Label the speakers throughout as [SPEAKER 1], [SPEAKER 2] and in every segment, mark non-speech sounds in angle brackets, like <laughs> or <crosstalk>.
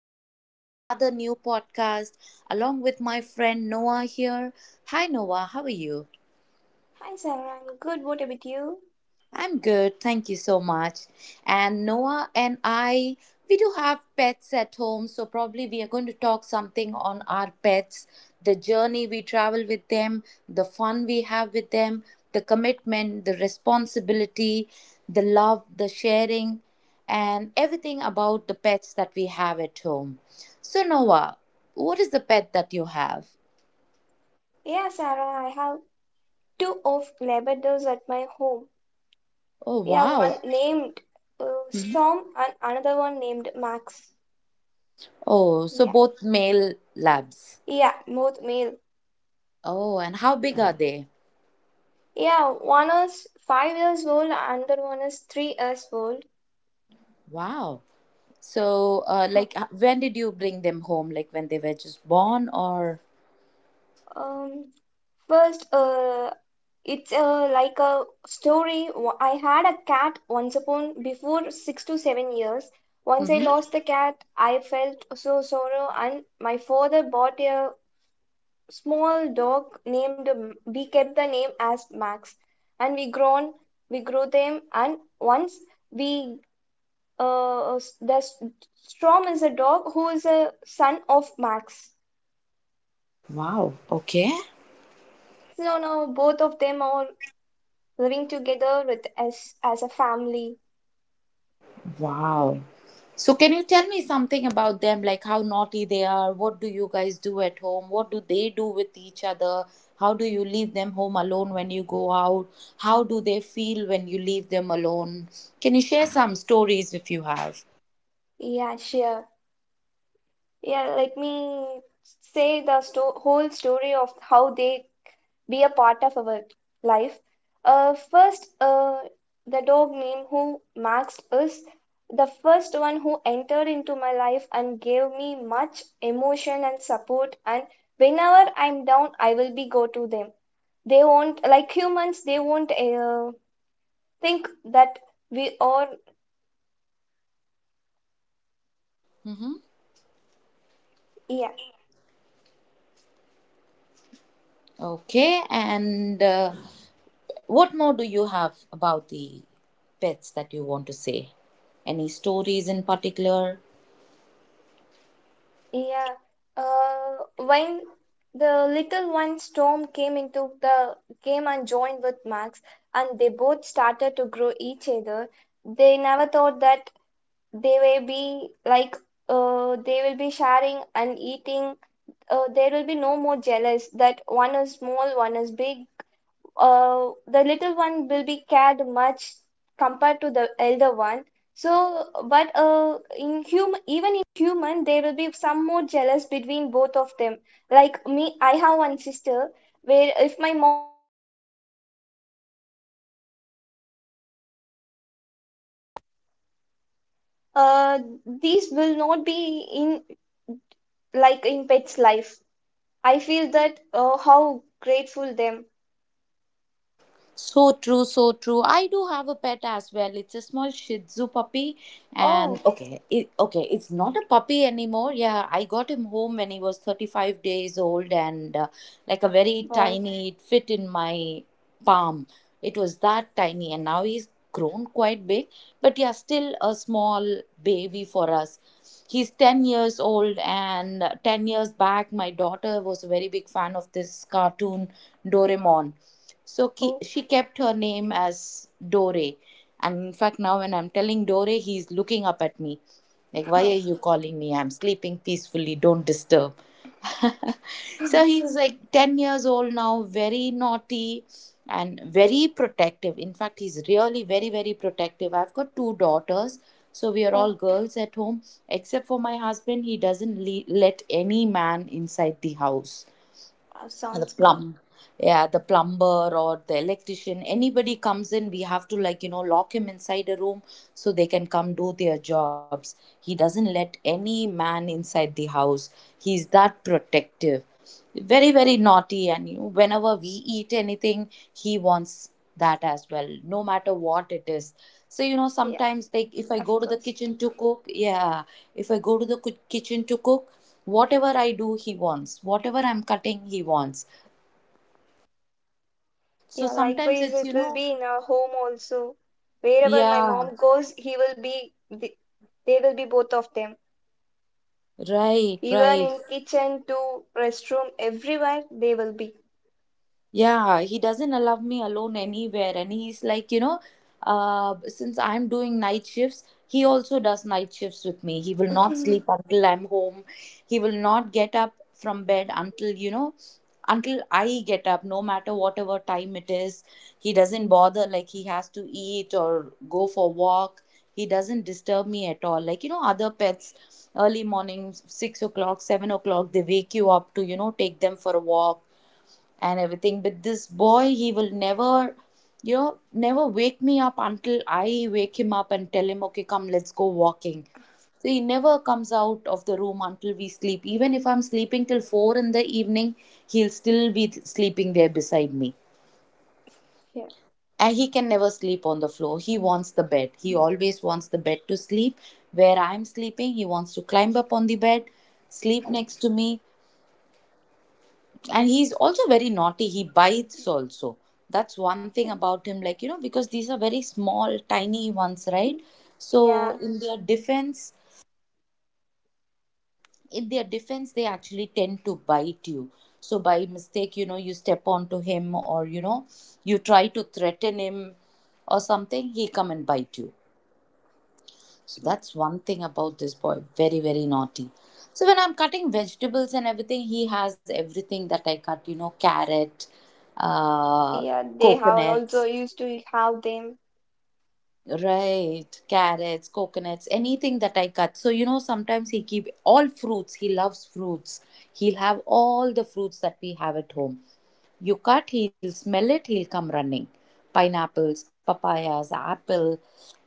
[SPEAKER 1] back with another new podcast along with my friend Noah here. Hi Noah, how are you?
[SPEAKER 2] Hi Sarah, I'm good. What about you?
[SPEAKER 1] I'm good, thank you so much. And Noah and I, we do have pets at home, so probably we are going to talk something on our pets, the journey we travel with them, the fun we have with them, the commitment, the responsibility, the love, the sharing, and everything about the pets that we have at home. So, Noah, what is the pet that you have?
[SPEAKER 2] Yeah, Sarah, I have two of Labradors at my home.
[SPEAKER 1] Oh,
[SPEAKER 2] Yeah,
[SPEAKER 1] wow.
[SPEAKER 2] one named Storm and another one named Max.
[SPEAKER 1] Oh, so
[SPEAKER 2] Yeah,
[SPEAKER 1] both male labs.
[SPEAKER 2] yeah, both male.
[SPEAKER 1] Oh, and how big are they?
[SPEAKER 2] Yeah, one is 5 years old, another one is 3 years old.
[SPEAKER 1] Wow. So,
[SPEAKER 2] <laughs>
[SPEAKER 1] when did you bring them home? Like, when they were just born, or?
[SPEAKER 2] Um, first, it's like a story. I had a cat once upon before 6 to 7 years. Once I
[SPEAKER 1] Hmm.
[SPEAKER 2] lost the cat, I felt so sorrow, and my father bought a small dog named. We kept the name as Max, and we grown, we grew them, and once we uh, s- the s- Strom is a dog who is a son of Max.
[SPEAKER 1] Wow. Okay.
[SPEAKER 2] So now both of them are living together with us as a family.
[SPEAKER 1] Wow. So, can you tell me something about them? Like, how naughty they are? What do you guys do at home? What do they do with each other? How do you leave them home alone when you go out? How do they feel when you leave them alone? Can you share some stories if you have?
[SPEAKER 2] Yeah, sure. Yeah, let me say the sto whole story of how they be a part of our life. First, the dog name who Max is the first one who entered into my life and gave me much emotion and support. And whenever I'm down, I will be go to them. They won't like humans. They won't think that we are
[SPEAKER 1] Mm-hmm.
[SPEAKER 2] yeah.
[SPEAKER 1] Okay. And what more do you have about the pets that you want to say? Any stories in particular?
[SPEAKER 2] Yeah. When the little one Storm came into the game and joined with Max, and they both started to grow each other, they never thought that they will be like they will be sharing and eating. There will be no more jealous that one is small, one is big, the little one will be cared much compared to the elder one. So, but in human, even in human, there will be some more jealous between both of them. Like me, I have one sister.
[SPEAKER 3] uh, these will not be in like in pet's life. I feel that how grateful them.
[SPEAKER 1] So true, so true. I do have a pet as well. It's a small Shih Tzu puppy, and
[SPEAKER 3] Oh,
[SPEAKER 1] okay, it, okay, it's not a puppy anymore. Yeah, I got him home when he was 35 days old, and like a very
[SPEAKER 3] oh,
[SPEAKER 1] tiny, it fit in my palm. It was that tiny, and now he's grown quite big, but yeah, still a small baby for us. He's 10 years old, and 10 years back, my daughter was a very big fan of this cartoon Doraemon, so
[SPEAKER 3] oh,
[SPEAKER 1] she kept her name as Dore. And in fact, now when I'm telling Dore, he's looking up at me. Like, why are you
[SPEAKER 3] <laughs>
[SPEAKER 1] calling me? I'm sleeping peacefully. Don't disturb. <laughs> So he's like 10 years old now, very naughty and very protective. In fact, he's really very, very protective. I've got two daughters. So we are
[SPEAKER 3] oh,
[SPEAKER 1] all girls at home, except for my husband. He doesn't let any man inside the house, and the
[SPEAKER 3] sounds good.
[SPEAKER 1] plum yeah, the plumber or the electrician, anybody comes in, we have to, like, you know, lock him inside a room so they can come do their jobs. He doesn't let any man inside the house. He's that protective. Very, very naughty. And, you know, whenever we eat anything, he wants that as well, no matter what it is. So, you know,
[SPEAKER 3] Yeah,
[SPEAKER 1] sometimes, like, if I go
[SPEAKER 3] of
[SPEAKER 1] to the
[SPEAKER 3] course.
[SPEAKER 1] kitchen to cook, yeah, if I go to the kitchen to cook, whatever I do he wants, whatever I'm cutting he wants. So
[SPEAKER 3] Yeah,
[SPEAKER 1] sometimes
[SPEAKER 3] likewise,
[SPEAKER 1] it's, you
[SPEAKER 3] it will
[SPEAKER 1] know,
[SPEAKER 3] be in our home also. Wherever my
[SPEAKER 1] yeah,
[SPEAKER 3] mom goes, he will be. th- They will be both of them.
[SPEAKER 1] right,
[SPEAKER 3] Even
[SPEAKER 1] right.
[SPEAKER 3] in kitchen to restroom, everywhere they will be.
[SPEAKER 1] Yeah, he doesn't allow me alone anywhere. And he's like, you know, since I'm doing night shifts, he also does night shifts with me. He will not sleep until I'm home. He will not get up from bed until, you know, until I get up, no matter whatever time it is. He doesn't bother, like, he has to eat or go for walk. He doesn't disturb me at all. Like, you know, other pets, early morning, 6 o'clock, 7 o'clock, they wake you up to, you know, take them for a walk and everything. But this boy, he will never, you know, never wake me up until I wake him up and tell him, okay, come, let's go walking. So he never comes out of the room until we sleep. Even if I'm sleeping till four in the evening, he'll still be sleeping there beside me.
[SPEAKER 3] Yeah.
[SPEAKER 1] And he can never sleep on the floor. He wants the bed. He always wants the bed to sleep. Where I'm sleeping, he wants to climb up on the bed, sleep next to me. And he's also very naughty, he bites also. That's one thing about him, like, you know, because these are very small tiny ones, right? So
[SPEAKER 3] Yeah,
[SPEAKER 1] in their defense, in their defense, they actually tend to bite you. So by mistake, you know, you step onto him, or, you know, you try to threaten him or something, he come and bite you. So that's one thing about this boy. Very, very naughty. So when I'm cutting vegetables and everything, he has everything that I cut, you know, carrot, uh,
[SPEAKER 3] yeah, they have
[SPEAKER 1] coconut.
[SPEAKER 3] also used to have them.
[SPEAKER 1] Right, carrots, coconuts, anything that I cut. So, you know, sometimes he keep all fruits. He loves fruits. He'll have all the fruits that we have at home. You cut, he'll smell it, he'll come running. Pineapples, papayas, apple,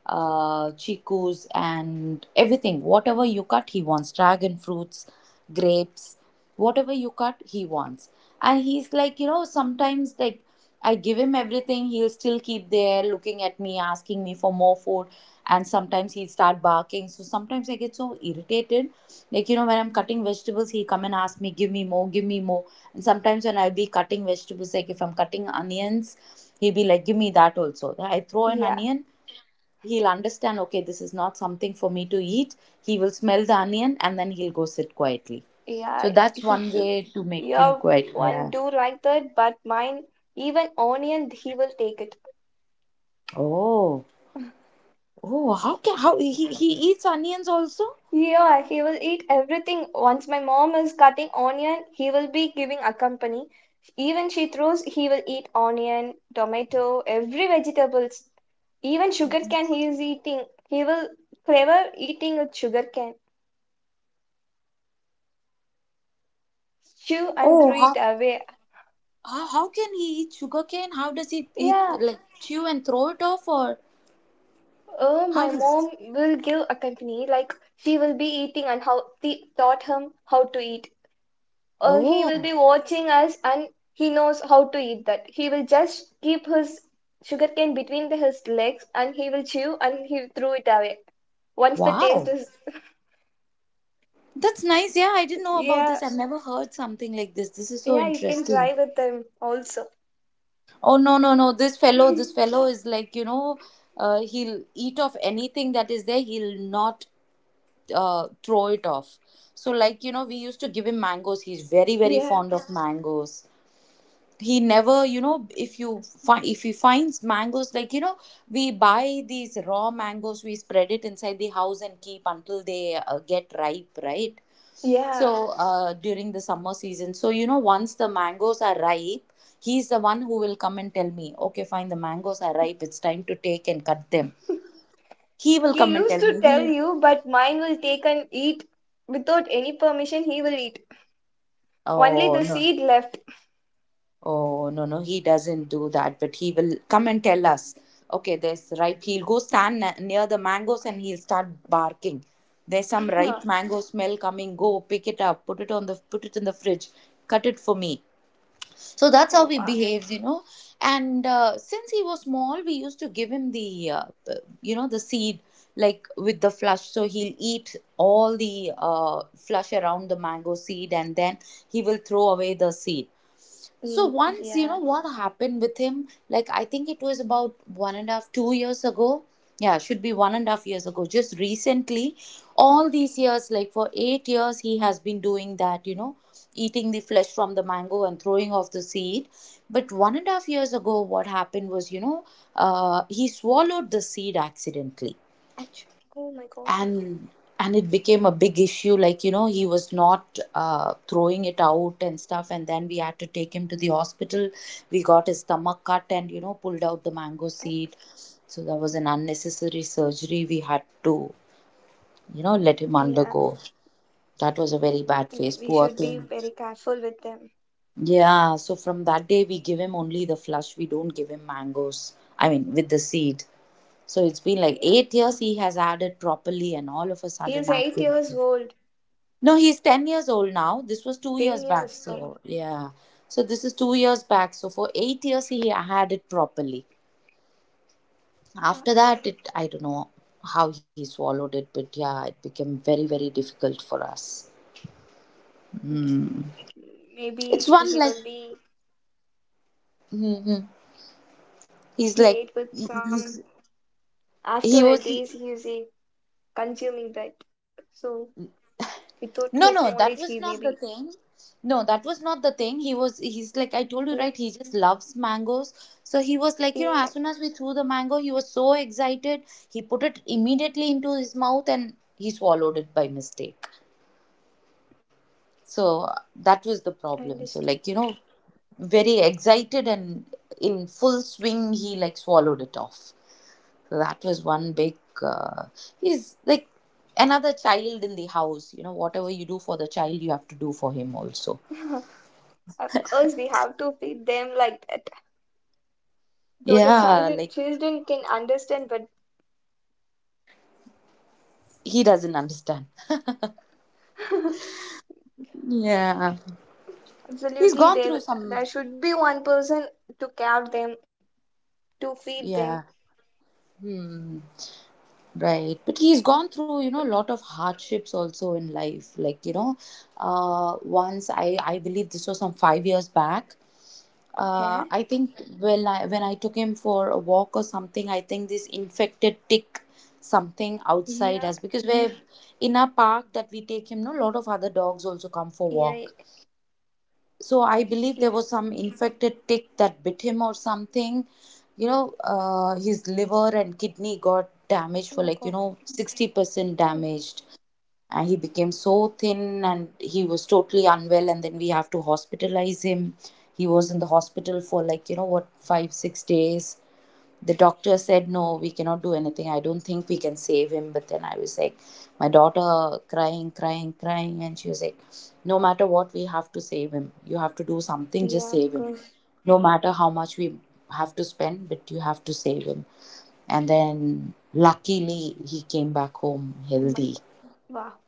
[SPEAKER 1] chikus, and everything. Whatever you cut, he wants. Dragon fruits, grapes, whatever you cut, he wants. And he's like, you know, sometimes like I give him everything, he'll still keep there looking at me, asking me for more food. And sometimes he'd start barking. So sometimes I get so irritated. Like, you know, when I'm cutting vegetables, he'll come and ask me, give me more, give me more. And sometimes when I'll be cutting vegetables, like if I'm cutting onions, he'll be like, give me that also. I throw an
[SPEAKER 3] Yeah,
[SPEAKER 1] onion, he'll understand, okay, this is not something for me to eat. He will smell the onion and then he'll go sit quietly. So
[SPEAKER 3] yeah,
[SPEAKER 1] that's one way to make him
[SPEAKER 3] your
[SPEAKER 1] quiet.
[SPEAKER 3] one
[SPEAKER 1] Yeah.
[SPEAKER 3] do like that, but mine even onion he will take it.
[SPEAKER 1] Oh. Oh, how can how he eats onions also?
[SPEAKER 3] Yeah, he will eat everything. Once my mom is cutting onion, he will be giving a company. Even she throws, he will eat onion, tomato, every vegetables. Even sugar cane he is eating. He will clever eating with sugar cane. Chew and
[SPEAKER 1] Oh,
[SPEAKER 3] throw
[SPEAKER 1] how
[SPEAKER 3] it away.
[SPEAKER 1] how can he eat sugarcane? How does he
[SPEAKER 3] Yeah,
[SPEAKER 1] like chew and throw it off, or
[SPEAKER 3] oh,
[SPEAKER 1] how
[SPEAKER 3] my
[SPEAKER 1] does?
[SPEAKER 3] mom will give a company, like she will be eating and how she taught him how to eat. He
[SPEAKER 1] Oh,
[SPEAKER 3] will be watching us and he knows how to eat that. He will just keep his sugarcane between his legs and he will chew and he will throw it away. Once the taste
[SPEAKER 1] wow,
[SPEAKER 3] is, <laughs>
[SPEAKER 1] that's nice. Yeah, I didn't know about
[SPEAKER 3] yeah,
[SPEAKER 1] this. I've never heard something like this. This is so
[SPEAKER 3] yeah, you can
[SPEAKER 1] interesting.
[SPEAKER 3] try with them also.
[SPEAKER 1] Oh no, no, no! This fellow is like, you know, he'll eat off anything that is there. He'll not throw it off. So like, you know, we used to give him mangoes. He's very, very
[SPEAKER 3] Yeah,
[SPEAKER 1] fond of mangoes. He never, you know, if you if he finds mangoes, like, you know, we buy these raw mangoes, we spread it inside the house and keep until they get ripe, right? So
[SPEAKER 3] yeah.
[SPEAKER 1] during the summer season, so you know, once the mangoes are ripe, he's the one who will come and tell me, okay fine, the mangoes are ripe, it's time to take and cut them. He will
[SPEAKER 3] He
[SPEAKER 1] come and
[SPEAKER 3] used
[SPEAKER 1] tell
[SPEAKER 3] to
[SPEAKER 1] me,
[SPEAKER 3] tell you, but mine will take and eat without any permission. He will eat only
[SPEAKER 1] oh
[SPEAKER 3] the
[SPEAKER 1] no.
[SPEAKER 3] seed left.
[SPEAKER 1] Oh, no, no, he doesn't do that, but he will come and tell us, okay, there's ripe. He'll go stand near the mangoes and he'll start barking. There's some ripe
[SPEAKER 3] <laughs>
[SPEAKER 1] mango smell coming. Go pick it up, put it on the put it in the fridge, cut it for me. So that's how
[SPEAKER 3] Oh
[SPEAKER 1] he
[SPEAKER 3] wow.
[SPEAKER 1] behaves, you know. And since he was small, we used to give him the you know, the seed like with the flush. So he'll eat all the flush around the mango seed, and then he will throw away the seed. So
[SPEAKER 3] Mm,
[SPEAKER 1] once, you
[SPEAKER 3] yeah.
[SPEAKER 1] know, what happened with him, like I think it was about one and a half, 2 years ago. Yeah, should be 1.5 years ago. Just recently,
[SPEAKER 3] Okay.
[SPEAKER 1] all these years, like for 8 years, he has been doing that, you know, eating the flesh from the mango and throwing off the seed. But 1.5 years ago, what happened was, you know, he swallowed the seed accidentally,
[SPEAKER 3] Ouch. Oh my God.
[SPEAKER 1] and and it became a big issue, like, you know, he was not throwing it out and stuff, and then we had to take him to the hospital. We got his stomach cut and, you know, pulled out the mango
[SPEAKER 3] Mm,
[SPEAKER 1] seed. So that was an unnecessary surgery we had to, you know, let him
[SPEAKER 3] yeah.
[SPEAKER 1] undergo. That was a very bad
[SPEAKER 3] Yeah.
[SPEAKER 1] phase,
[SPEAKER 3] We should
[SPEAKER 1] poor
[SPEAKER 3] be
[SPEAKER 1] thing.
[SPEAKER 3] very careful with them.
[SPEAKER 1] Yeah, so from that day we give him only the flush, we don't give him mangoes, I mean with the seed. So it's been like
[SPEAKER 3] Yeah.
[SPEAKER 1] 8 years he has had it properly, and all of a
[SPEAKER 3] He is
[SPEAKER 1] sudden
[SPEAKER 3] 8 years
[SPEAKER 1] accident.
[SPEAKER 3] old.
[SPEAKER 1] No, he's 10 years old now. This was two
[SPEAKER 3] Ten
[SPEAKER 1] years back.
[SPEAKER 3] years old.
[SPEAKER 1] So, yeah. So, this is 2 years back. So, for 8 years, he had it properly.
[SPEAKER 3] Uh,
[SPEAKER 1] After that, it I don't know how he swallowed it, but yeah, it became very, very difficult for us. Mm.
[SPEAKER 3] Maybe
[SPEAKER 1] It's
[SPEAKER 3] he
[SPEAKER 1] one
[SPEAKER 3] will
[SPEAKER 1] like,
[SPEAKER 3] be.
[SPEAKER 1] hmm hmm. he's
[SPEAKER 3] He
[SPEAKER 1] like,
[SPEAKER 3] ate with
[SPEAKER 1] he
[SPEAKER 3] some.
[SPEAKER 1] he's-
[SPEAKER 3] After
[SPEAKER 1] he
[SPEAKER 3] a days,
[SPEAKER 1] was.
[SPEAKER 3] he is consuming that. So without his
[SPEAKER 1] No, no,
[SPEAKER 3] knowledge, he
[SPEAKER 1] that
[SPEAKER 3] may
[SPEAKER 1] was
[SPEAKER 3] be.
[SPEAKER 1] not the thing. No, that was not the thing. He's like, I
[SPEAKER 3] Yeah.
[SPEAKER 1] told you, right? He just loves mangoes. So he was like, you
[SPEAKER 3] Yeah.
[SPEAKER 1] know, as soon as we threw the mango, he was so excited. He put it immediately into his mouth and he swallowed it by mistake. So that was the
[SPEAKER 3] I
[SPEAKER 1] problem. So,
[SPEAKER 3] understood.
[SPEAKER 1] like, you know, very excited and in full swing, he like swallowed it off. So that was one big. Uh, he's like another child in the house. You know, whatever you do for the child, you have to do for him also.
[SPEAKER 3] <laughs> Of course, we have to feed them like that. Though the
[SPEAKER 1] Yeah,
[SPEAKER 3] child
[SPEAKER 1] like
[SPEAKER 3] children can understand, but
[SPEAKER 1] he doesn't understand. <laughs>
[SPEAKER 3] <laughs>
[SPEAKER 1] Yeah, he's
[SPEAKER 3] absolutely,
[SPEAKER 1] gone through
[SPEAKER 3] there
[SPEAKER 1] some.
[SPEAKER 3] there should be one person to care them, to feed them.
[SPEAKER 1] Yeah, hmm, right. But he's gone through a lot of hardships also in life. Like, once I believe this was some 5 years back.
[SPEAKER 3] Okay.
[SPEAKER 1] I think when I took him for a walk or something, I think this infected tick something
[SPEAKER 3] Yeah,
[SPEAKER 1] outside us because we're in a park that we take him. No, lot of other dogs also come for
[SPEAKER 3] yeah,
[SPEAKER 1] walk. So I believe
[SPEAKER 3] yeah.
[SPEAKER 1] there was some infected tick that bit him or something. His liver and kidney got damaged
[SPEAKER 3] Oh
[SPEAKER 1] for
[SPEAKER 3] my
[SPEAKER 1] like,
[SPEAKER 3] God.
[SPEAKER 1] 60%
[SPEAKER 3] Oh,
[SPEAKER 1] damaged, and he became so thin and he was totally unwell, and then we have to hospitalize him. He was in the hospital for like, you know what 5 6 days. The doctor said, no, we cannot do anything. I don't think we can save him. But then I was like, my daughter, crying, crying, crying, and she was like, no matter what, we have to save him. You have to do something, just
[SPEAKER 3] yeah, of
[SPEAKER 1] save him.
[SPEAKER 3] course.
[SPEAKER 1] No matter how much we have to spend, but you have to save him. And then luckily he came back home
[SPEAKER 3] Oh my
[SPEAKER 1] healthy.
[SPEAKER 3] God. Wow.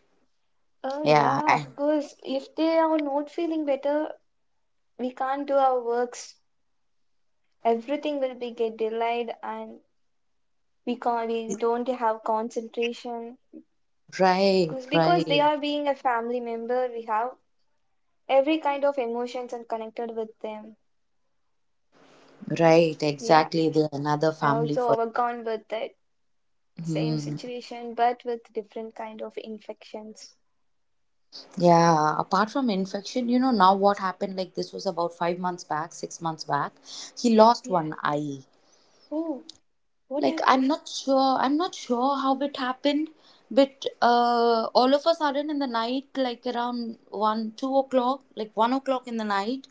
[SPEAKER 3] Oh
[SPEAKER 1] yeah,
[SPEAKER 3] yeah,
[SPEAKER 1] I-
[SPEAKER 3] of course. If they are not feeling better, we can't do our works. Everything will be get delayed, and we can't. We don't have concentration.
[SPEAKER 1] right,
[SPEAKER 3] Because they
[SPEAKER 1] right,
[SPEAKER 3] are being a family member, we have every kind of emotions and connected with them.
[SPEAKER 1] right.
[SPEAKER 3] Yeah.
[SPEAKER 1] Exactly. They're another
[SPEAKER 3] I
[SPEAKER 1] family
[SPEAKER 3] also
[SPEAKER 1] for.
[SPEAKER 3] overgone with the same
[SPEAKER 1] Hmm.
[SPEAKER 3] situation, but with different kind of infections.
[SPEAKER 1] Yeah, apart from infection, now what happened, like this was about 5 months back, 6 months back, he lost
[SPEAKER 3] Yeah.
[SPEAKER 1] one eye.
[SPEAKER 3] Oh, what
[SPEAKER 1] Like,
[SPEAKER 3] happened?
[SPEAKER 1] I'm not sure how it happened, but all of a sudden in the night, like around one, 2 o'clock, like 1 o'clock in the night,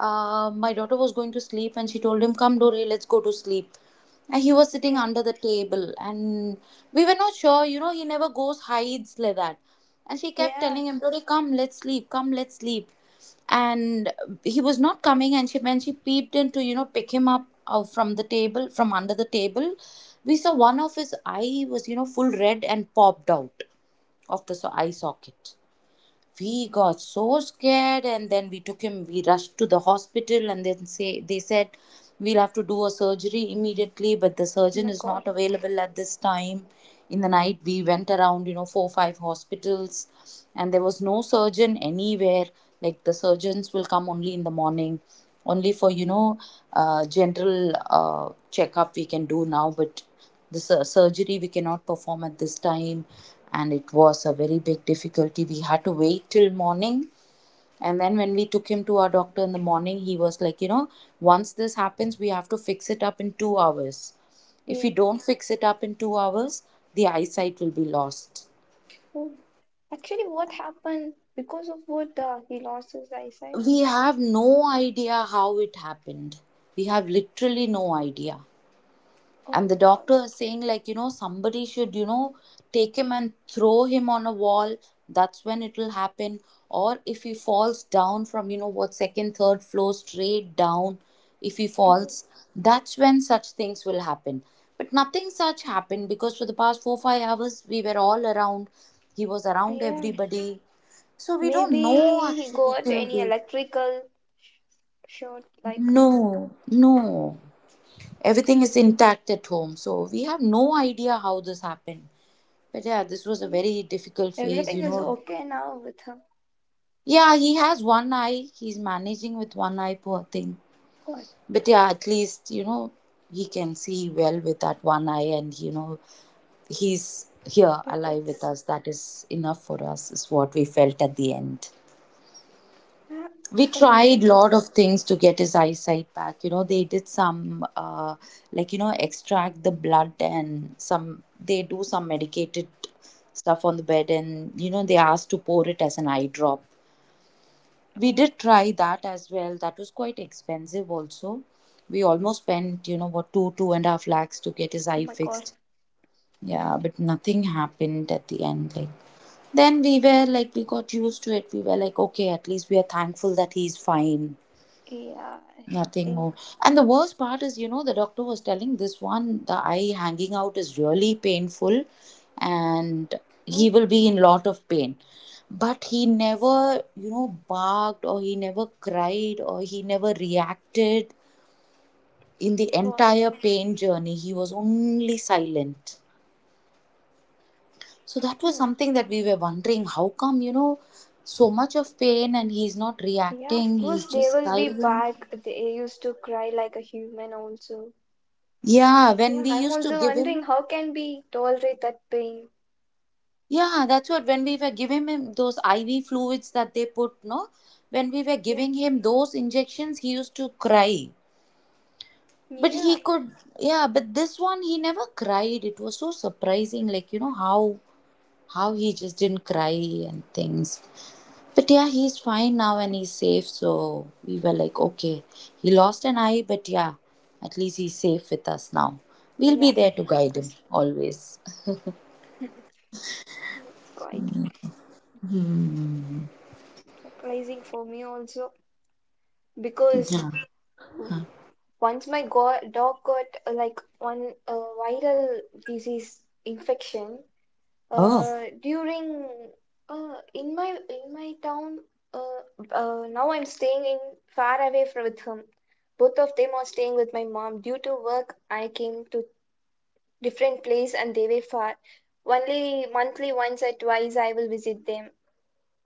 [SPEAKER 1] my daughter was going to sleep and she told him, come, Dore, let's go to sleep. And he was sitting
[SPEAKER 3] Okay.
[SPEAKER 1] under the table, and we were not sure, he never goes hides like that. And she kept telling
[SPEAKER 3] Yeah.
[SPEAKER 1] him, Dore, come, let's sleep, come, let's sleep. And he was not coming, and she when she peeped in to, pick him up out from the table, from under the table, we saw one of his eye was, full red and popped out of the eye socket. We got so scared, and then we took him, we rushed to the hospital, and then say they said we'll have to do a surgery immediately, but the
[SPEAKER 3] Oh
[SPEAKER 1] surgeon
[SPEAKER 3] my
[SPEAKER 1] is not
[SPEAKER 3] God.
[SPEAKER 1] available at this time. In the night, we went around, four or five hospitals, and there was no surgeon anywhere. Like, the surgeons will come only in the morning. Only for, general checkup we can do now, but the surgery we cannot perform at this time. And it was a very big difficulty, we had to wait till morning. And then when we took him to our doctor in the morning, he was like, once this happens, we have to fix it up in 2 hours. If we
[SPEAKER 3] Yeah.
[SPEAKER 1] don't fix it up in 2 hours, the eyesight will be lost.
[SPEAKER 3] Oh. Actually, what happened? Because of what he lost his eyesight.
[SPEAKER 1] We have no idea how it happened. We have literally no idea.
[SPEAKER 3] Oh
[SPEAKER 1] And the
[SPEAKER 3] my God.
[SPEAKER 1] doctor is saying, like, somebody should, take him and throw him on a wall. That's when it will happen. Or if he falls down from, you know what second third floor straight down, if he falls,
[SPEAKER 3] Oh,
[SPEAKER 1] that's when such things will happen. But nothing such happened, because for the past 4 5 hours we were all around. He was around
[SPEAKER 3] yeah.
[SPEAKER 1] everybody. So we don't know,
[SPEAKER 3] Maybe he
[SPEAKER 1] actually,
[SPEAKER 3] got
[SPEAKER 1] till
[SPEAKER 3] any
[SPEAKER 1] date.
[SPEAKER 3] electrical short like
[SPEAKER 1] No, no, everything is intact at home, so we have no idea how this happened. But yeah, this was a
[SPEAKER 3] yeah.
[SPEAKER 1] very difficult phase, you
[SPEAKER 3] Everything is
[SPEAKER 1] know.
[SPEAKER 3] okay now with her.
[SPEAKER 1] Yeah, he has one eye. He's managing with one eye, poor thing.
[SPEAKER 3] God.
[SPEAKER 1] But yeah, at least, he can see well with that one eye and, he's here
[SPEAKER 3] But
[SPEAKER 1] alive with
[SPEAKER 3] it's
[SPEAKER 1] us. That is enough for us, is what we felt at the end.
[SPEAKER 3] yeah
[SPEAKER 1] We tried
[SPEAKER 3] anyway.
[SPEAKER 1] lot of things to get his eyesight back. They did some, like, extract the blood, and some, they do some medicated stuff on the bed, and, they asked to pour it as an eye drop. We
[SPEAKER 3] Oh,
[SPEAKER 1] did try that as well, that was quite expensive also. We almost spent, you know what two and a half lakhs to get his
[SPEAKER 3] oh
[SPEAKER 1] eye
[SPEAKER 3] my god.
[SPEAKER 1] fixed. Yeah, but nothing happened at the end. Like, then we were like, we got used to it, we were like, okay, at least we are thankful that he's fine.
[SPEAKER 3] Yeah, I
[SPEAKER 1] Nothing more.
[SPEAKER 3] think.
[SPEAKER 1] And the worst part is, the doctor was telling this one, the eye hanging out is really painful, and he
[SPEAKER 3] Oh
[SPEAKER 1] will be in lot of pain. But he never, barked, or he never cried, or he never reacted in the
[SPEAKER 3] God.
[SPEAKER 1] entire
[SPEAKER 3] <laughs>
[SPEAKER 1] pain journey. He was only silent. So that was
[SPEAKER 3] Hmm.
[SPEAKER 1] something that we were wondering, how come, so much of pain and he's not
[SPEAKER 3] Yeah, of
[SPEAKER 1] reacting, he's
[SPEAKER 3] course they
[SPEAKER 1] just
[SPEAKER 3] will be
[SPEAKER 1] silent.
[SPEAKER 3] back. They used to cry like a human also.
[SPEAKER 1] Yeah, when
[SPEAKER 3] Yeah,
[SPEAKER 1] we
[SPEAKER 3] I'm
[SPEAKER 1] used to
[SPEAKER 3] also
[SPEAKER 1] give
[SPEAKER 3] wondering
[SPEAKER 1] him.
[SPEAKER 3] how can we tolerate that pain?
[SPEAKER 1] Yeah, that's what, when we were giving him those IV fluids that they put, no? When we were
[SPEAKER 3] Yeah,
[SPEAKER 1] giving him those injections, he used to cry. But he
[SPEAKER 3] yeah,
[SPEAKER 1] could, yeah, but this one he never cried. It was so surprising, like, how he just didn't cry and things. But yeah, he's fine now and he's safe, so we were like, okay. He lost an eye, but yeah, at least he's safe with us now. We'll be
[SPEAKER 3] yeah,
[SPEAKER 1] there to
[SPEAKER 3] of
[SPEAKER 1] guide him
[SPEAKER 3] course.
[SPEAKER 1] always. <laughs>
[SPEAKER 3] It's quite surprising for me also because
[SPEAKER 1] Yeah.
[SPEAKER 3] once my go dog got like one viral disease infection.
[SPEAKER 1] Oh,
[SPEAKER 3] During in my town, uh, now I'm staying in far away from with him. Both of them are staying with my mom. Due to work, I came to different place and they were far. Only monthly once or twice I will visit them.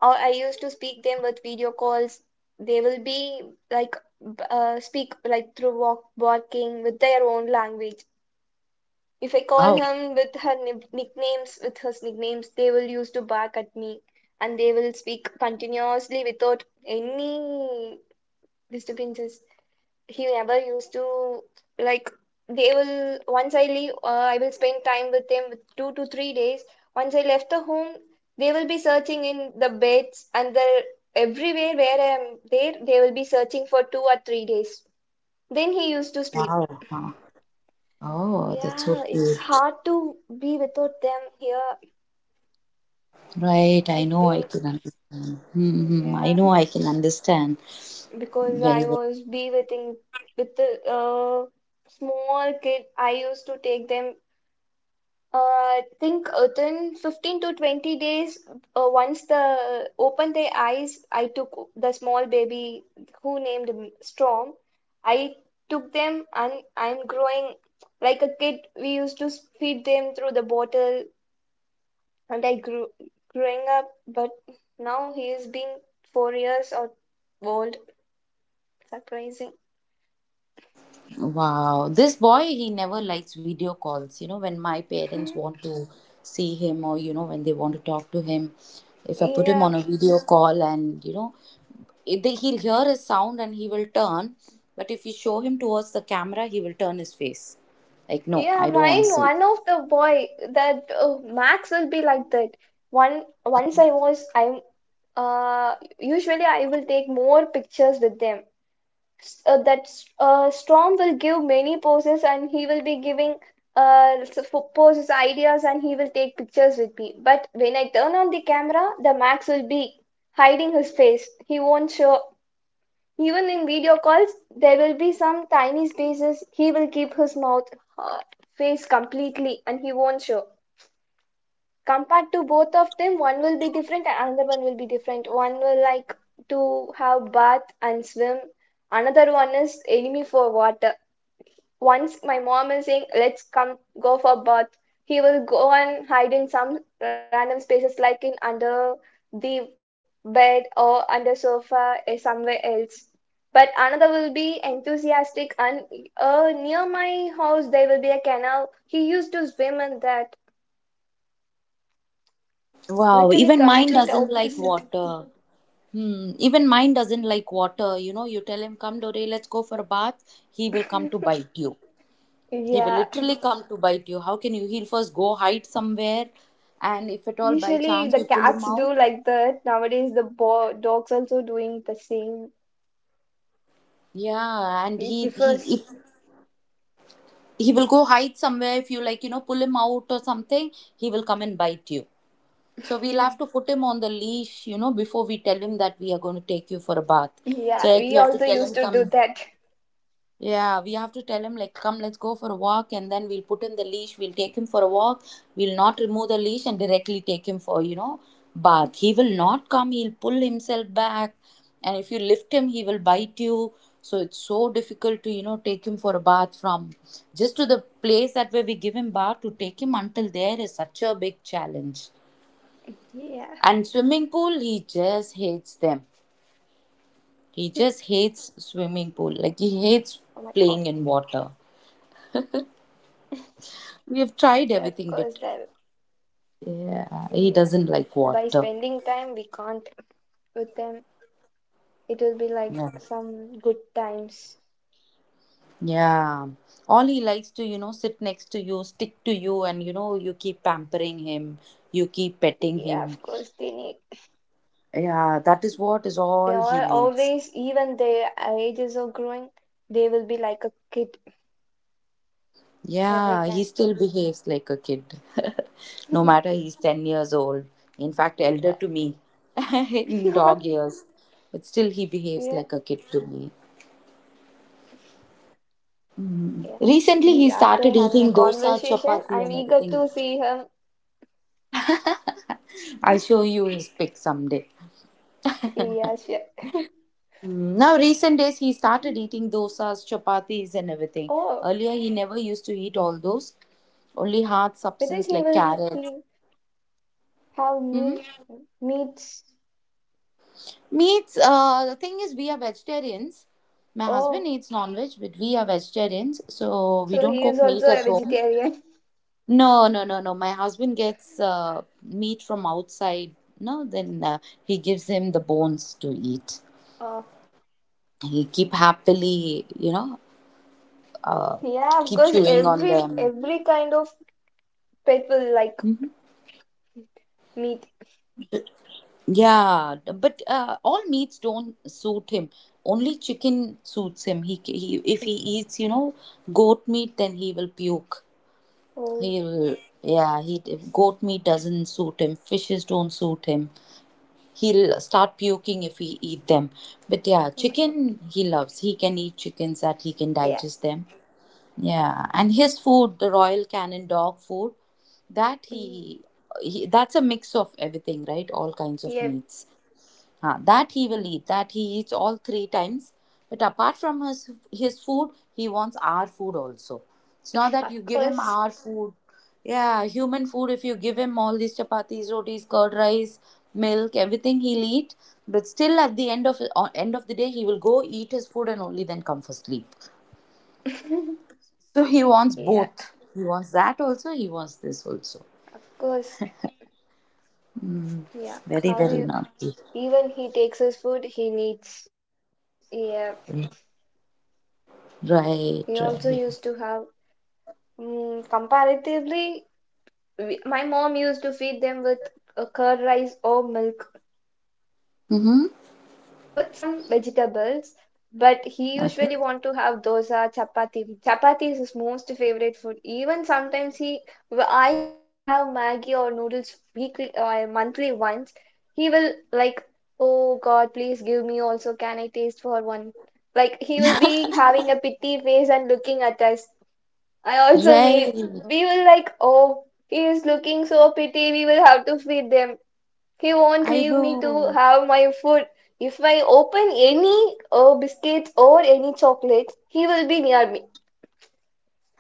[SPEAKER 3] Or I used to speak them with video calls. They will be like speak like through walking with their own language. If I call
[SPEAKER 1] wow.
[SPEAKER 3] him with her nicknames, with his nicknames, they will use to bark at me and they will speak continuously without any disturbances. He never used to like they will once I leave, I will spend time with them with 2 to 3 days. Once I left the home, they will be searching in the beds and the everywhere where I am there, they will be searching for 2 or 3 days. Then he used to sleep.
[SPEAKER 1] Wow. Wow. Oh, that's so
[SPEAKER 3] Yeah, it's
[SPEAKER 1] cute.
[SPEAKER 3] hard to be without them here,
[SPEAKER 1] Right, I
[SPEAKER 3] I
[SPEAKER 1] know, I
[SPEAKER 3] think.
[SPEAKER 1] can understand. Hmm, hmm, I
[SPEAKER 3] Yeah,
[SPEAKER 1] know I can understand
[SPEAKER 3] because
[SPEAKER 1] very
[SPEAKER 3] I
[SPEAKER 1] well.
[SPEAKER 3] was be within with the small kid, I used to take them. Uh, I think within 15 to 20 days, once the opened their eyes, I took the small baby who named him Storm. I took them and I'm growing like a kid. We used to feed them through the bottle and I grew growing up, but now he is being 4 years or old. Surprising.
[SPEAKER 1] Wow, this boy, he never likes video calls. When my parents want to see him, or, when they want to talk to him, if I put him
[SPEAKER 3] Yeah,
[SPEAKER 1] on a video call, and, he'll hear his sound and he will turn. But if you show him towards the camera, he will turn his face. Like, no,
[SPEAKER 3] yeah.
[SPEAKER 1] I don't want to
[SPEAKER 3] Mine,
[SPEAKER 1] see.
[SPEAKER 3] one of the boy that Max will be like that. One once I'm usually I will take more pictures with them. S- that Storm will give many poses and he will be giving poses, ideas, and he will take pictures with me. But when I turn on the camera, the Max will be hiding his face. He won't show. Even in video calls, there will be some tiny spaces. He will keep his mouth, uh, face completely, and he won't show compared to both of them, one will be different and another one will be different. One will like to have bath and swim. Another one is enemy for water. Once my mom is saying, let's come go for bath, he will go and hide in some random spaces like in under the bed or under sofa or somewhere else. But another will be enthusiastic and near my house there will be a canal. He used to swim in that
[SPEAKER 1] Wow,
[SPEAKER 3] literally
[SPEAKER 1] even mine
[SPEAKER 3] complete
[SPEAKER 1] doesn't like
[SPEAKER 3] opposite.
[SPEAKER 1] water. Hmm. Even mine doesn't like water. You tell him, come, Dore, let's go for a bath. He will come to bite you. He will
[SPEAKER 3] Yeah,
[SPEAKER 1] literally come to bite you. How can you? He'll first go hide somewhere. And if at all by
[SPEAKER 3] usually
[SPEAKER 1] chance
[SPEAKER 3] the
[SPEAKER 1] you pull
[SPEAKER 3] cats
[SPEAKER 1] him out,
[SPEAKER 3] do like that. Nowadays, the bo dogs also doing the same.
[SPEAKER 1] yeah, and
[SPEAKER 3] It
[SPEAKER 1] he,
[SPEAKER 3] differs.
[SPEAKER 1] if
[SPEAKER 3] <laughs>
[SPEAKER 1] he will go hide somewhere, if you like, pull him out or something, he will come and bite you. So we'll have to put him on the leash, before we tell him that we are going to take you for a bath.
[SPEAKER 3] Yeah,
[SPEAKER 1] So, like,
[SPEAKER 3] we
[SPEAKER 1] we have to
[SPEAKER 3] also
[SPEAKER 1] tell
[SPEAKER 3] used
[SPEAKER 1] him,
[SPEAKER 3] to do
[SPEAKER 1] come.
[SPEAKER 3] that.
[SPEAKER 1] Yeah, we have to tell him like, come, let's go for a walk, and then we'll put in the leash. We'll take him for a walk. We'll not remove the leash and directly take him for, bath. He will not come. He'll pull himself back, and if you lift him, he will bite you. So it's so difficult to, take him for a bath, from just to the place that where we give him bath to take him until there is such a big challenge.
[SPEAKER 3] Yeah. <laughs>
[SPEAKER 1] And swimming pool, he just hates them. He
[SPEAKER 3] Hmm.
[SPEAKER 1] just hates swimming pool. Like, he hates
[SPEAKER 3] Oh my
[SPEAKER 1] playing
[SPEAKER 3] God.
[SPEAKER 1] in water. We have tried
[SPEAKER 3] Yeah, of
[SPEAKER 1] everything, but
[SPEAKER 3] course that.
[SPEAKER 1] yeah, he
[SPEAKER 3] Yeah.
[SPEAKER 1] doesn't like
[SPEAKER 3] By
[SPEAKER 1] water.
[SPEAKER 3] spending time, we can't with them. It will be like
[SPEAKER 1] Yeah.
[SPEAKER 3] some good times.
[SPEAKER 1] Yeah. All he likes to, sit next to you, stick to you, and, you keep pampering him, you keep
[SPEAKER 3] Yeah,
[SPEAKER 1] petting
[SPEAKER 3] of
[SPEAKER 1] him.
[SPEAKER 3] course they need.
[SPEAKER 1] Yeah, that is what is
[SPEAKER 3] They
[SPEAKER 1] all he
[SPEAKER 3] are
[SPEAKER 1] needs.
[SPEAKER 3] always, even their ages are growing, they will be like a kid every
[SPEAKER 1] Yeah, he
[SPEAKER 3] time.
[SPEAKER 1] still behaves like a kid. <laughs> No matter he's 10 years old. In fact, elder
[SPEAKER 3] Yeah.
[SPEAKER 1] to me <laughs> in dog
[SPEAKER 3] <laughs>
[SPEAKER 1] years. But still, he behaves
[SPEAKER 3] Yeah.
[SPEAKER 1] like a kid to me. Mm.
[SPEAKER 3] Yeah, we,
[SPEAKER 1] Recently, he
[SPEAKER 3] after
[SPEAKER 1] started
[SPEAKER 3] having a
[SPEAKER 1] eating dosa,
[SPEAKER 3] conversation,
[SPEAKER 1] chapati,
[SPEAKER 3] I'm
[SPEAKER 1] and
[SPEAKER 3] eager
[SPEAKER 1] everything.
[SPEAKER 3] to see him.
[SPEAKER 1] <laughs> I'll show you his pic someday.
[SPEAKER 3] Yes, yeah, <laughs> sure.
[SPEAKER 1] Now, recent days, he started eating dosas, chapatis, and everything.
[SPEAKER 3] Oh,
[SPEAKER 1] Earlier, he never used to eat all those, only hard
[SPEAKER 3] whether
[SPEAKER 1] substance
[SPEAKER 3] he
[SPEAKER 1] like
[SPEAKER 3] will
[SPEAKER 1] carrots.
[SPEAKER 3] he have
[SPEAKER 1] Hmm.
[SPEAKER 3] meats.
[SPEAKER 1] Meats, the thing is, we are vegetarians. My husband
[SPEAKER 3] Oh,
[SPEAKER 1] eats non veg, but we are vegetarians, so we
[SPEAKER 3] so
[SPEAKER 1] don't
[SPEAKER 3] he is
[SPEAKER 1] cook
[SPEAKER 3] also
[SPEAKER 1] meat
[SPEAKER 3] a
[SPEAKER 1] at home.
[SPEAKER 3] vegetarian. <laughs>
[SPEAKER 1] No, no, no, no. My husband gets meat from outside. No, then, he gives him the bones to eat.
[SPEAKER 3] Oh,
[SPEAKER 1] He keep happily, uh,
[SPEAKER 3] yeah, of
[SPEAKER 1] keep
[SPEAKER 3] course,
[SPEAKER 1] chewing on
[SPEAKER 3] every
[SPEAKER 1] them.
[SPEAKER 3] every kind of pet will like meat.
[SPEAKER 1] Yeah, but all meats don't suit him. Only chicken suits him. He, if he eats, goat meat, then he will puke.
[SPEAKER 3] Oh,
[SPEAKER 1] He will, yeah. He, goat meat doesn't suit him. Fishes don't suit him. He'll start puking if he eat them. But yeah,
[SPEAKER 3] oh my
[SPEAKER 1] chicken
[SPEAKER 3] God.
[SPEAKER 1] he loves. He can eat chickens that he can digest
[SPEAKER 3] Yeah.
[SPEAKER 1] them. Yeah, and his food, the Royal Canin dog food, that he,
[SPEAKER 3] Mm,
[SPEAKER 1] he that's a mix of everything, right? All kinds of meats.
[SPEAKER 3] yeah,
[SPEAKER 1] Ah, that he will eat, that he eats all three times. But apart from his food, he wants our food also. It's not that you give him
[SPEAKER 3] <laughs>
[SPEAKER 1] our
[SPEAKER 3] of
[SPEAKER 1] food.
[SPEAKER 3] course. <laughs>
[SPEAKER 1] Yeah, human food, if you give him all these chapatis, rotis, curd rice, milk, everything he'll eat. But still at the end of the day, he will go eat his food and only then come for sleep. So he wants both. He wants that
[SPEAKER 3] Yeah,
[SPEAKER 1] also, he wants this also.
[SPEAKER 3] of course.
[SPEAKER 1] Very,
[SPEAKER 3] Yeah,
[SPEAKER 1] very
[SPEAKER 3] how you
[SPEAKER 1] naughty.
[SPEAKER 3] even he takes his food, he needs. Yeah, we
[SPEAKER 1] Right,
[SPEAKER 3] also
[SPEAKER 1] right.
[SPEAKER 3] used to have, mm, comparatively, we, my mom used to feed them with curd rice or milk with
[SPEAKER 1] Mm-hmm.
[SPEAKER 3] some vegetables, but he usually want to have
[SPEAKER 1] Okay.
[SPEAKER 3] dosa, chapati. Chapati is his most favorite food. Even sometimes he, I used to have Maggi or noodles weekly or monthly once. He will like, oh God, please give me also. Can I taste for one? Like he will be having a pity face and looking at us. I also
[SPEAKER 1] Right.
[SPEAKER 3] need, we will like, oh, he is looking so pity, we will have to feed them. He won't
[SPEAKER 1] I
[SPEAKER 3] leave me to
[SPEAKER 1] know.
[SPEAKER 3] have my food. If I open any biscuits or any chocolates, he will be near me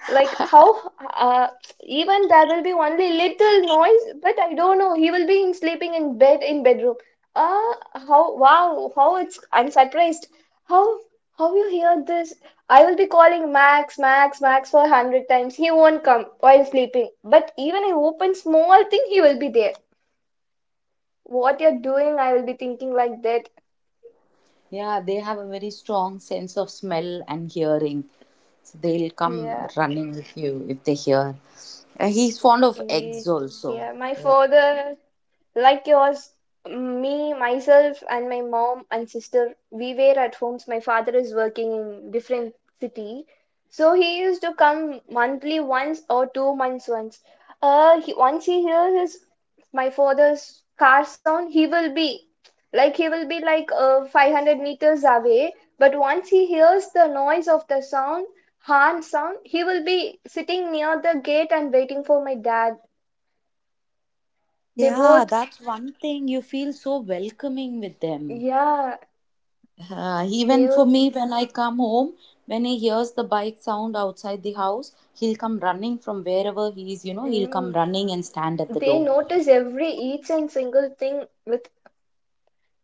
[SPEAKER 3] like how, uh, even there will be only little noise but I don't know he will be in sleeping in bed in bedroom. uh how, wow, how it's, I'm surprised how how you hear this. I will be calling max for 100 times he won't come while sleeping but even I open small thing he will be there. What you're doing? I will be thinking like that.
[SPEAKER 1] Yeah, they have a very strong sense of smell and hearing. So they'll
[SPEAKER 3] Yeah,
[SPEAKER 1] come running with you if they hear. And he's fond of
[SPEAKER 3] yeah,
[SPEAKER 1] eggs
[SPEAKER 3] yeah.
[SPEAKER 1] also.
[SPEAKER 3] My
[SPEAKER 1] Yeah.
[SPEAKER 3] father, like yours, me, myself, and my mom and sister, we were at homes. My father is working in different city, so he used to come monthly once or 2 months once. Once he hears his my father's car sound, he will be like he will be like 500 meters away. But once he hears the noise of horn sound, he will be sitting near the gate and waiting for my dad. They
[SPEAKER 1] Yeah,
[SPEAKER 3] both
[SPEAKER 1] that's one thing. You feel so welcoming with them.
[SPEAKER 3] yeah,
[SPEAKER 1] Even for me,
[SPEAKER 3] they'll
[SPEAKER 1] when I come home, when he hears the bike sound outside the house, he'll come running from wherever he is, he'll come
[SPEAKER 3] mm,
[SPEAKER 1] running and stand at the
[SPEAKER 3] they
[SPEAKER 1] door.
[SPEAKER 3] notice every each and single thing with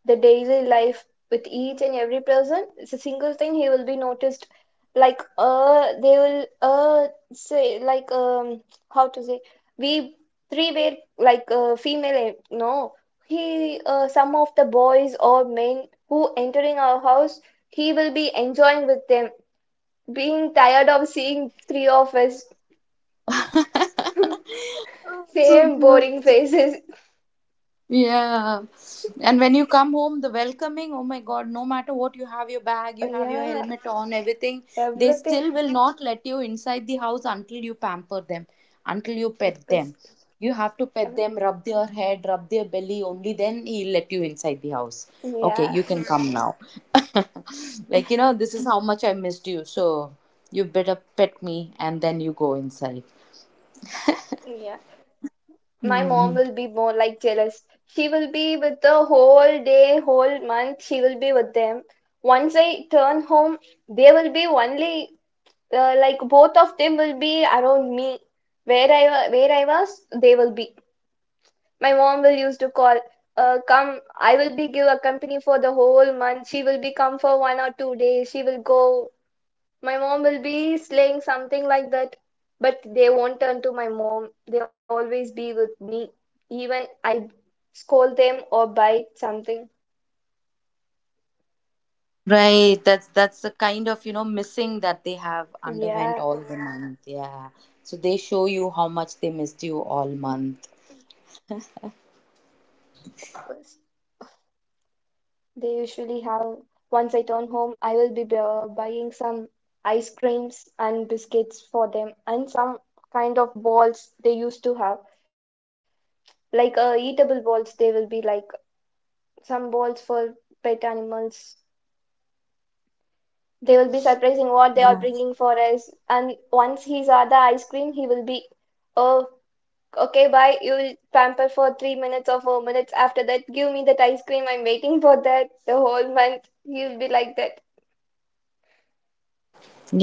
[SPEAKER 3] the daily life with each and every person. It's a single thing he will be noticed. Like they will say like how to say we three were like female eh, no he some of the boys or men who entering our house he will be enjoying with them being tired of seeing three of us
[SPEAKER 1] <laughs> So
[SPEAKER 3] same
[SPEAKER 1] cute.
[SPEAKER 3] boring <laughs> faces.
[SPEAKER 1] Yeah. And when you come home, the welcoming, oh my God, no matter what, you have your bag, you have your
[SPEAKER 3] Yeah,
[SPEAKER 1] helmet on, everything, they
[SPEAKER 3] everything,
[SPEAKER 1] still will not let you inside the house until you pamper them, until you
[SPEAKER 3] of
[SPEAKER 1] pet
[SPEAKER 3] course.
[SPEAKER 1] them. You have to pet
[SPEAKER 3] Uh,
[SPEAKER 1] them, rub their head, rub their belly, only then he'll let you inside the house. Okay,
[SPEAKER 3] yeah,
[SPEAKER 1] you can come now. <laughs> Like, this is how much I missed you. So you better pet me and then you go inside.
[SPEAKER 3] <laughs> yeah. My mom
[SPEAKER 1] Hmm.
[SPEAKER 3] will be more like jealous. She will be with the whole day, whole month, she will be with them. Once I turn home, they will be only like both of them will be around me. Where I was, they will be. My mom will used to call, come. I will be give a company for the whole month. She will be come for 1 or 2 days. She will go my mom will be slaying something like that, but they won't turn to my mom. They always be with me. Even I scold them or bite something.
[SPEAKER 1] Right, that's the kind of, missing that they have underwent all the
[SPEAKER 3] Yeah,
[SPEAKER 1] month. Yeah, so they show you how much they missed you all month.
[SPEAKER 3] 'cause they usually have. Once I turn home, I will be buying some ice creams and biscuits for them and some kind of balls they used to have. Like eatable balls, they will be like some balls for pet animals. They will be surprising what they
[SPEAKER 1] Yeah,
[SPEAKER 3] are bringing for us. And once he's saw the ice cream, he will be, oh, okay, bye. You will pamper for 3 minutes or 4 minutes. After that, give me that ice cream. I'm waiting for that the whole month. He'll be like that.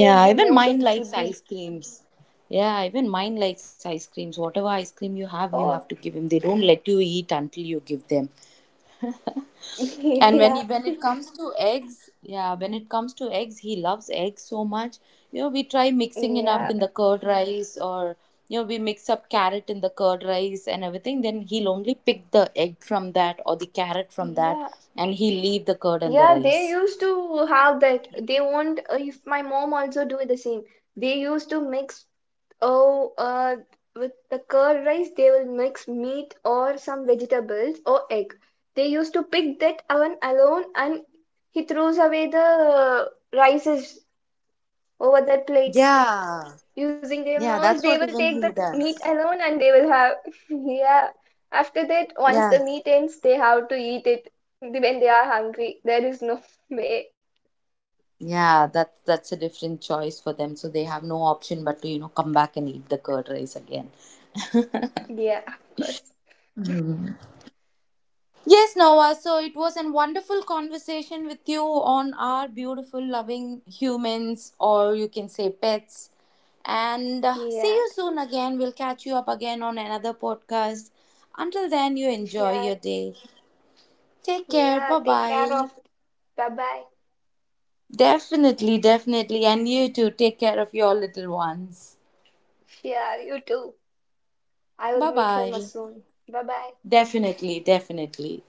[SPEAKER 3] He'll be
[SPEAKER 1] Even
[SPEAKER 3] most
[SPEAKER 1] mine
[SPEAKER 3] of the
[SPEAKER 1] likes
[SPEAKER 3] foodie.
[SPEAKER 1] ice creams. Yeah, even mine likes ice creams. Whatever ice cream you have, you'll have
[SPEAKER 3] Oh,
[SPEAKER 1] to give him. They don't let you eat until you give them. And
[SPEAKER 3] <laughs> yeah,
[SPEAKER 1] when it comes to eggs, yeah, when it comes to eggs, he loves eggs so much. We try mixing it up in
[SPEAKER 3] yeah,
[SPEAKER 1] the curd rice, or, we mix up carrot in the curd rice and everything. Then he'll only pick the egg from that or the carrot from that,
[SPEAKER 3] yeah.
[SPEAKER 1] and he leave the curd and the
[SPEAKER 3] Yeah, they
[SPEAKER 1] rice.
[SPEAKER 3] used to have that. They want, if my mom also do the same. They used to mix, oh, with the curd rice, they will mix meat or some vegetables or egg. They used to pick that one alone and he throws away the rices over that plate.
[SPEAKER 1] Yeah,
[SPEAKER 3] Using their
[SPEAKER 1] yeah,
[SPEAKER 3] mouths,
[SPEAKER 1] that's
[SPEAKER 3] they
[SPEAKER 1] what
[SPEAKER 3] will
[SPEAKER 1] even
[SPEAKER 3] take
[SPEAKER 1] he
[SPEAKER 3] that meat
[SPEAKER 1] does.
[SPEAKER 3] alone and they will have, <laughs> yeah. After that, once
[SPEAKER 1] Yeah,
[SPEAKER 3] the meat ends, they have to eat it when they are hungry. There is no <laughs> way.
[SPEAKER 1] yeah, that's a different choice for them. So they have no option but to, come back and eat the curd rice again.
[SPEAKER 3] Yeah, <laughs> of course.
[SPEAKER 1] Yes, Noah. So it was a wonderful conversation with you on our beautiful, loving humans, or you can say pets. And,
[SPEAKER 3] Yeah,
[SPEAKER 1] see you soon again. We'll catch you up again on another podcast. Until then, you enjoy
[SPEAKER 3] sure.
[SPEAKER 1] your day. Take care.
[SPEAKER 3] Yeah,
[SPEAKER 1] Bye
[SPEAKER 3] take care of.
[SPEAKER 1] bye.
[SPEAKER 3] Bye bye.
[SPEAKER 1] Definitely, definitely. And you too. Take care of your little ones.
[SPEAKER 3] Sure, you too. I will
[SPEAKER 1] Bye
[SPEAKER 3] meet him
[SPEAKER 1] bye.
[SPEAKER 3] soon. Bye bye.
[SPEAKER 1] Definitely, definitely.